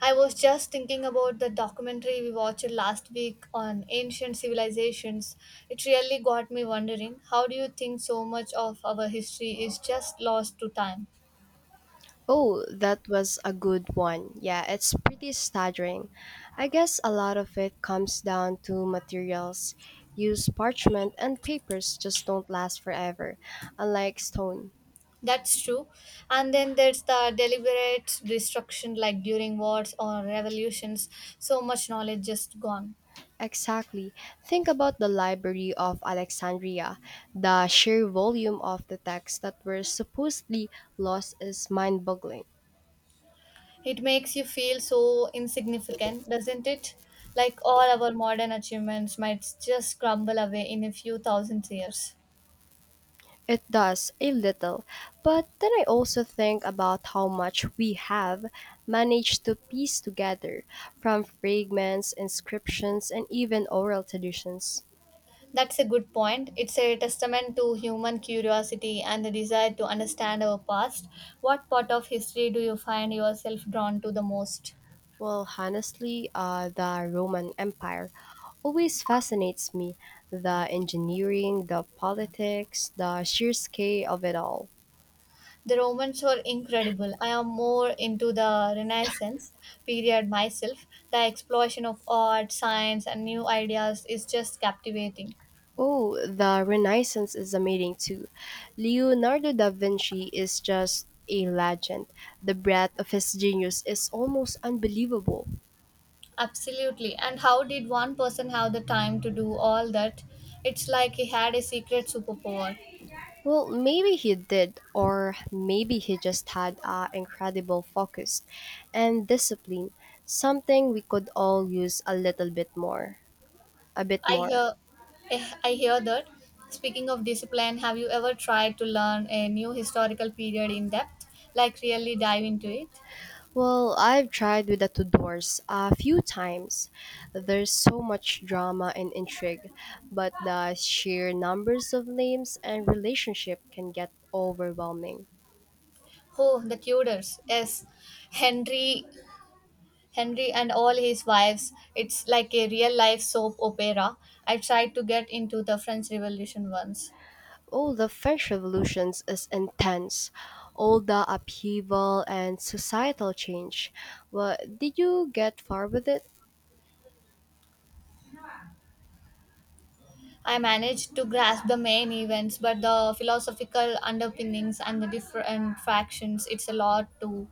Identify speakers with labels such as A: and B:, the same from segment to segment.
A: I was just thinking about the documentary we watched last week on ancient civilizations. It really got me wondering, how do you think so much of our history is just lost to time?
B: Oh, that was a good one. Yeah, it's pretty staggering. I guess a lot of it comes down to materials. Used parchment and papers just don't last forever, unlike stone.
A: That's true. And then there's the deliberate destruction, like during wars or revolutions, so much knowledge just gone.
B: Exactly. Think about the Library of Alexandria. The sheer volume of the texts that were supposedly lost is mind boggling.
A: It makes you feel so insignificant, doesn't it? Like all our modern achievements might just crumble away in a few thousand years.
B: It does, a little. But then I also think about how much we have managed to piece together from fragments, inscriptions, and even oral traditions.
A: That's a good point. It's a testament to human curiosity and the desire to understand our past. What part of history do you find yourself drawn to the most?
B: Well, honestly, the Roman Empire always fascinates me the engineering, the politics, the sheer scale of it all.
A: The Romans were incredible. I am more into the Renaissance period myself. The explosion of art, science, and new ideas is just captivating.
B: Oh, the Renaissance is amazing too. Leonardo da Vinci is just a legend. The breadth of his genius is almost unbelievable.
A: Absolutely. And how did one person have the time to do all that? It's like he had a secret superpower.
B: Well, maybe he did, or maybe he just had an incredible focus and discipline, something we could all use a little bit more. A bit
A: I
B: more.
A: hear I hear that. Speaking of discipline, have you ever tried to learn a new historical period in depth, like really dive into it?
B: Well, I've tried with the Tudors a few times. There's so much drama and intrigue, but the sheer numbers of names and relationship can get overwhelming.
A: Oh, the Tudors. Yes, Henry Henry and all his wives. It's like a real life soap opera. I tried to get into the French Revolution once.
B: Oh, the French revolutions is intense. All the upheaval and societal change. Well, did you get far with it?
A: I managed to grasp the main events, but the philosophical underpinnings and the different factions, it's a lot to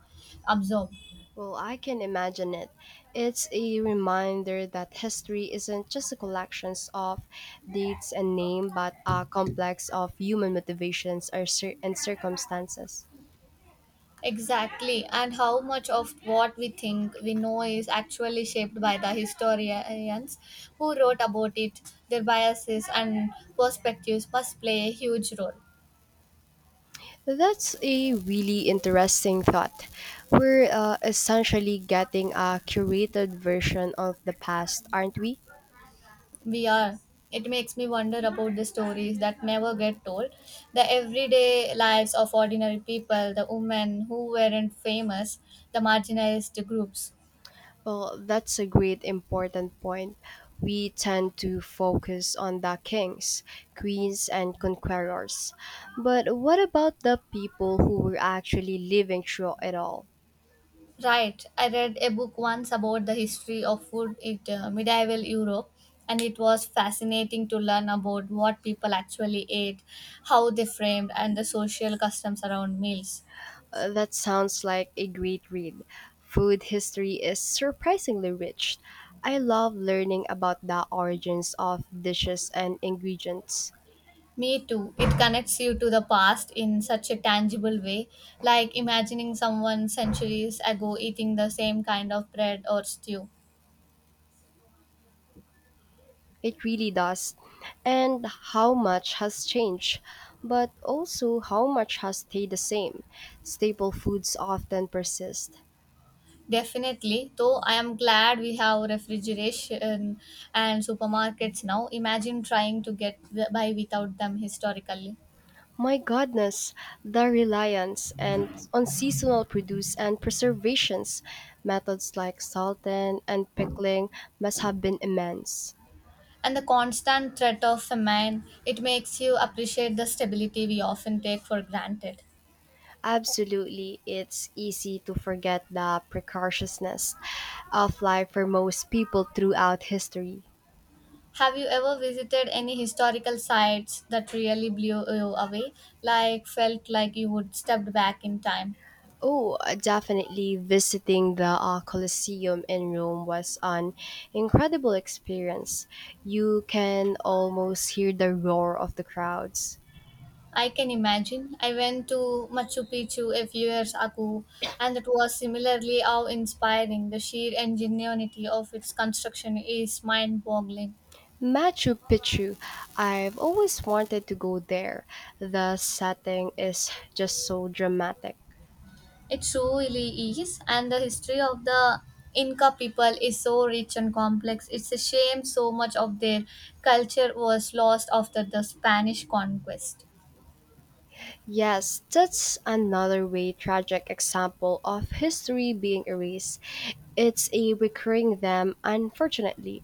A: absorb.
B: Well, I can imagine it. It's a reminder that history isn't just a collection of dates and names, but a complex of human motivations or and circumstances.
A: Exactly, and how much of what we think we know is actually shaped by the historians who wrote about it. Their biases and perspectives must play a huge role.
B: That's a really interesting thought. We're essentially getting a curated version of the past, aren't we?
A: We are. It makes me wonder about the stories that never get told, the everyday lives of ordinary people, the women who weren't famous, the marginalized groups.
B: Well, that's a great important point. We tend to focus on the kings, queens, and conquerors. But what about the people who were actually living through it all?
A: Right. I read a book once about the history of food in medieval Europe, and it was fascinating to learn about what people actually ate, how they framed, and the social customs around meals.
B: That sounds like a great read. Food history is surprisingly rich. I love learning about the origins of dishes and ingredients.
A: Me too. It connects you to the past in such a tangible way, like imagining someone centuries ago eating the same kind of bread or stew.
B: It really does. And how much has changed, but also how much has stayed the same. Staple foods often persist.
A: Definitely, though I am glad we have refrigeration and supermarkets now. Imagine trying to by without them historically.
B: My goodness, the reliance and on seasonal produce and preservations, methods like salting and pickling must have been immense.
A: And the constant threat of famine, it makes you appreciate the stability we often take for granted.
B: Absolutely, it's easy to forget the precariousness of life for most people throughout history.
A: Have you ever visited any historical sites that really blew you away, like felt like you would stepped back in time?
B: Oh, definitely visiting the Colosseum in Rome was an incredible experience. You can almost hear the roar of the crowds.
A: I can imagine. I went to Machu Picchu a few years ago, and it was similarly awe inspiring. The sheer ingenuity of its construction is mind boggling.
B: Machu Picchu, I've always wanted to go there. The setting is just so dramatic.
A: It truly is, and the history of the Inca people is so rich and complex. It's a shame so much of their culture was lost after the Spanish conquest.
B: Yes, that's another way tragic example of history being erased. It's a recurring them, unfortunately.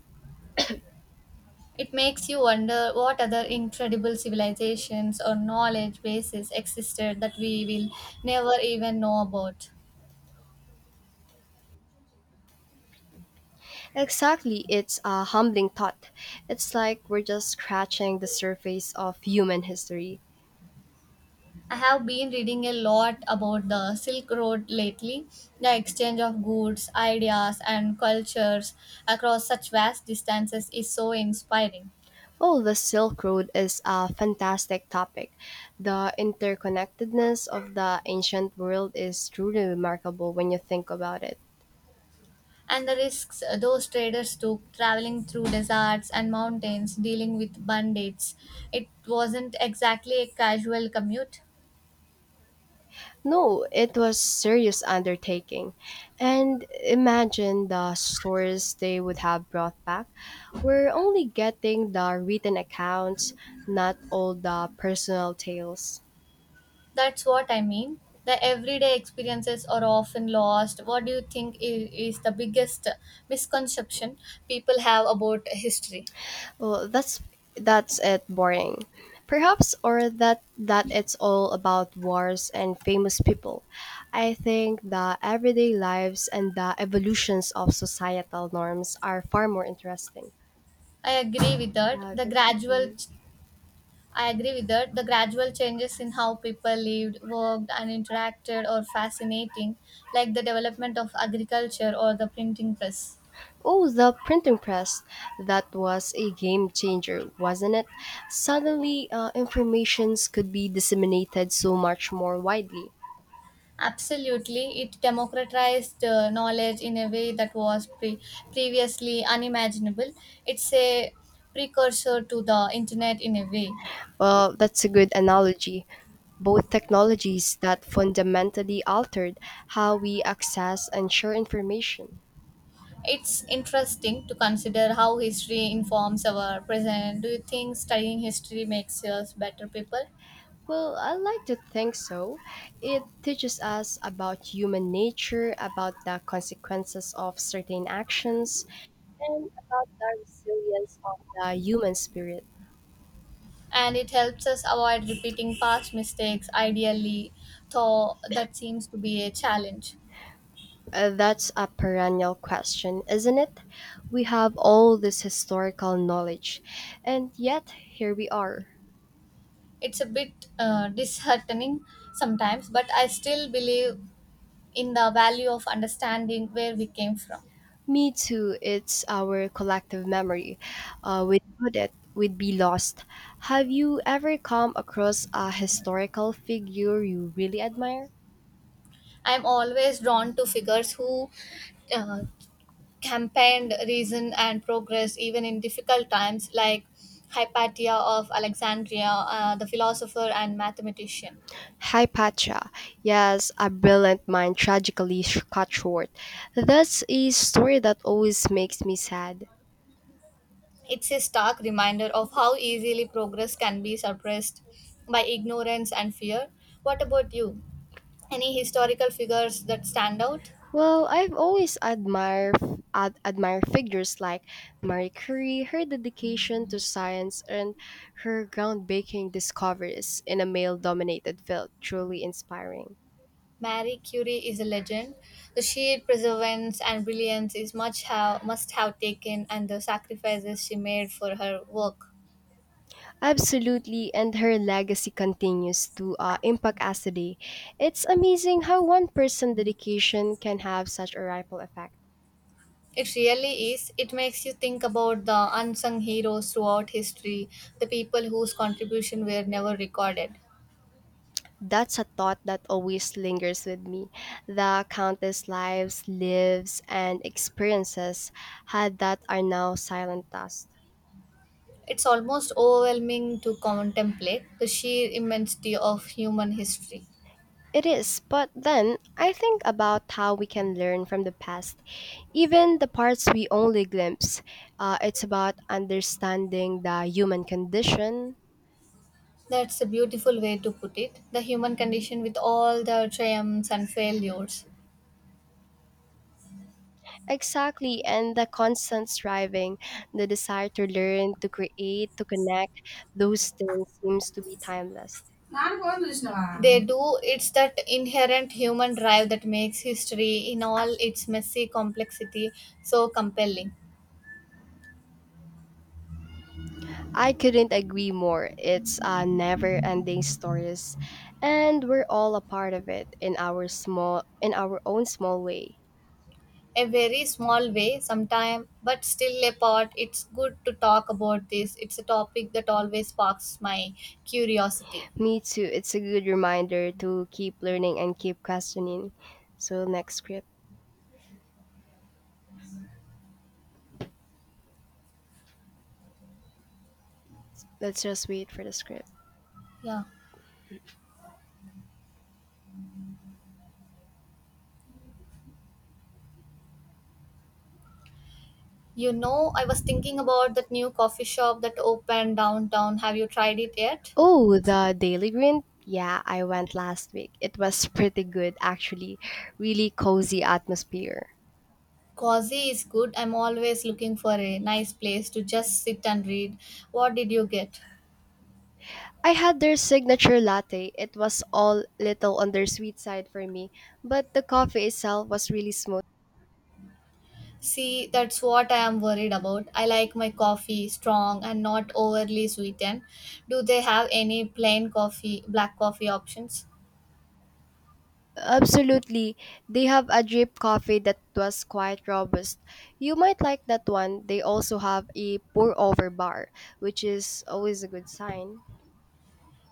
A: It makes you wonder what other incredible civilizations or knowledge bases existed that we will never even know about.
B: Exactly, it's a humbling thought. It's like we're just scratching the surface of human history.
A: I have been reading a lot about the Silk Road lately, the exchange of goods, ideas, and cultures across such vast distances is so inspiring.
B: Oh, the Silk Road is a fantastic topic. The interconnectedness of the ancient world is truly remarkable when you think about it.
A: And the risks those traders took traveling through deserts and mountains, dealing with bandits, it wasn't exactly a casual commute.
B: No, it was serious undertaking. And imagine the stories they would have brought back. We're only getting the written accounts, not all the personal tales.
A: That's what I mean. The everyday experiences are often lost. What do you think is the biggest misconception people have about history?
B: Well, that's it boring. Perhaps or that it's all about wars and famous people. I think the everyday lives and the evolutions of societal norms are far more interesting.
A: I agree with that. The
B: That's it for
A: gradual,
B: me.
A: I agree with that. The gradual changes in how people lived, worked, and interacted are fascinating, like the development of agriculture or the printing press.
B: Oh, the printing press. That was a game changer, wasn't it? Suddenly, informations could be disseminated so much more widely.
A: Absolutely, it democratized knowledge in a way that was previously unimaginable. It's a precursor to the internet in a way.
B: Well, that's a good analogy. Both technologies that fundamentally altered how we access and share information?
A: It's interesting to consider how history informs our present. Do you think studying history makes us better people?
B: Well, I like to think so. It teaches us about human nature, about the consequences of certain actions, and about the resilience of the human spirit.
A: And it helps us avoid repeating past mistakes, ideally, though that seems to be a challenge.
B: That's a perennial question, isn't it? We have all this historical knowledge, and yet here we are.
A: It's a bit disheartening sometimes, but I still believe in the value of understanding where we came from.
B: Me too. It's our collective memory. Without it, we'd be lost. Have you ever come across a historical figure you really admire?
A: I'm always drawn to figures who uh, campaigned reason and progress even in difficult times, like Hypatia of Alexandria, the philosopher and mathematician.
B: Hypatia. Yes, a brilliant mind tragically cut short. That's a story that always makes me sad.
A: It's a stark reminder of how easily progress can be suppressed by ignorance and fear. What about you? Any historical figures that stand out?
B: Well, I've always admire figures like Marie Curie, her dedication to science, and her groundbreaking discoveries in a male-dominated field truly inspiring.
A: Marie Curie is a legend. The sheer perseverance and brilliance is much have must have taken and the sacrifices she made for her work.
B: Absolutely, and her legacy continues to impact us today. It's amazing how one person's dedication can have such a ripple effect.
A: It really is. It makes you think about the unsung heroes throughout history, the people whose contribution were never recorded.
B: That's a thought that always lingers with me. The countless lives, and experiences had that are now silent dust.
A: It's almost overwhelming to contemplate the sheer immensity of human history.
B: It is, but then I think about how we can learn from the past, even the parts we only glimpse. It's about understanding the human condition.
A: That's a beautiful way to put it. The human condition with all the triumphs and failures.
B: Exactly, and the constant striving, the desire to learn, to create, to connect, those things seems to be timeless.
A: నాన్న phone చూసినవా They do, it's that inherent human drive that makes history in all its messy complexity so compelling.
B: I couldn't agree more. It's a never ending stories and we're all a part of it in our own small way.
A: A very small way, sometime, but still a part. It's good to talk about this. It's a topic that always sparks my curiosity.
B: Me too. It's a good reminder to keep learning and keep questioning. So next script. Let's just wait for the script.
A: Yeah. You know, I was thinking about that new coffee shop that opened downtown. Have you tried it yet?
B: Oh, the Daily Grind? Yeah, I went last week. It was pretty good actually. Really cozy atmosphere.
A: Cozy is good. I'm always looking for a nice place to just sit and read. What did you get?
B: I had their signature latte. It was all little on their sweet side for me, but the coffee itself was really smooth.
A: See, that's what I am worried about. I like my coffee strong and not overly sweetened. Do they have any plain coffee, black coffee options?
B: Absolutely. They have a drip coffee that was quite robust. You might like that one. They also have a pour over bar, which is always a good sign.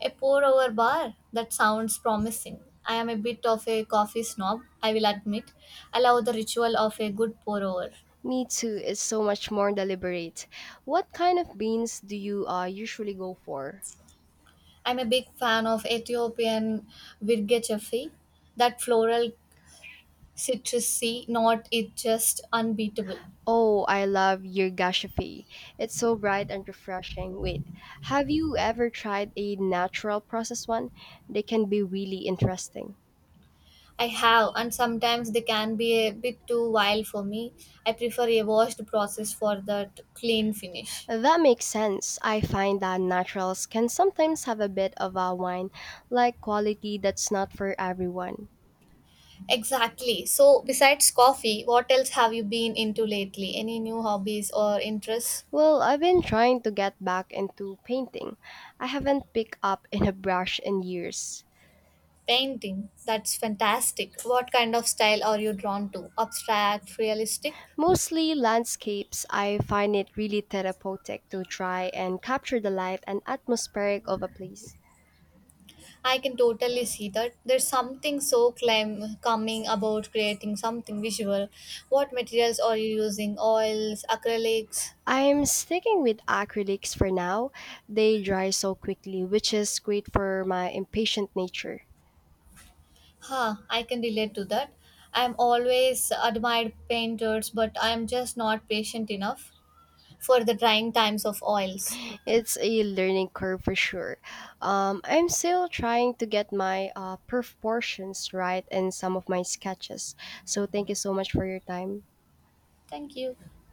A: A pour over bar? That sounds promising. I am a bit of a coffee snob, I will admit. I love the ritual of a good pour over.
B: Me too. It's so much more deliberate. What kind of beans do you usually go for?
A: I'm a big fan of Ethiopian Virgechefi. That floral citrusy note is just unbeatable.
B: Oh, I love Yirgashife. It's so bright and refreshing. Wait, have you ever tried a natural process one? They can be really interesting.
A: I have, and sometimes they can be a bit too wild for me. I prefer a washed process for that clean finish.
B: That makes sense. I find that naturals can sometimes have a bit of a wine like quality that's not for everyone.
A: Exactly. So, besides coffee, what else have you been into lately? Any new hobbies or interests?
B: Well, I've been trying to get back into painting. I haven't picked up in a brush in years.
A: Painting. That's fantastic. What kind of style are you drawn to? Abstract, realistic?
B: Mostly landscapes, I find it really therapeutic to try and capture the life and atmospheric of a place.
A: I can totally see that. There's something so calming about creating something visual. What materials are you using? Oils, acrylics?
B: I'm sticking with acrylics for now. They dry so quickly, which is great for my impatient nature.
A: Huh, I can relate to that. I'm always admired painters, but I'm just not patient enough for the drying times of oils.
B: It's a learning curve for sure. I'm still trying to get my proportions right in some of my sketches. So, thank you so much for your time.
A: Thank you.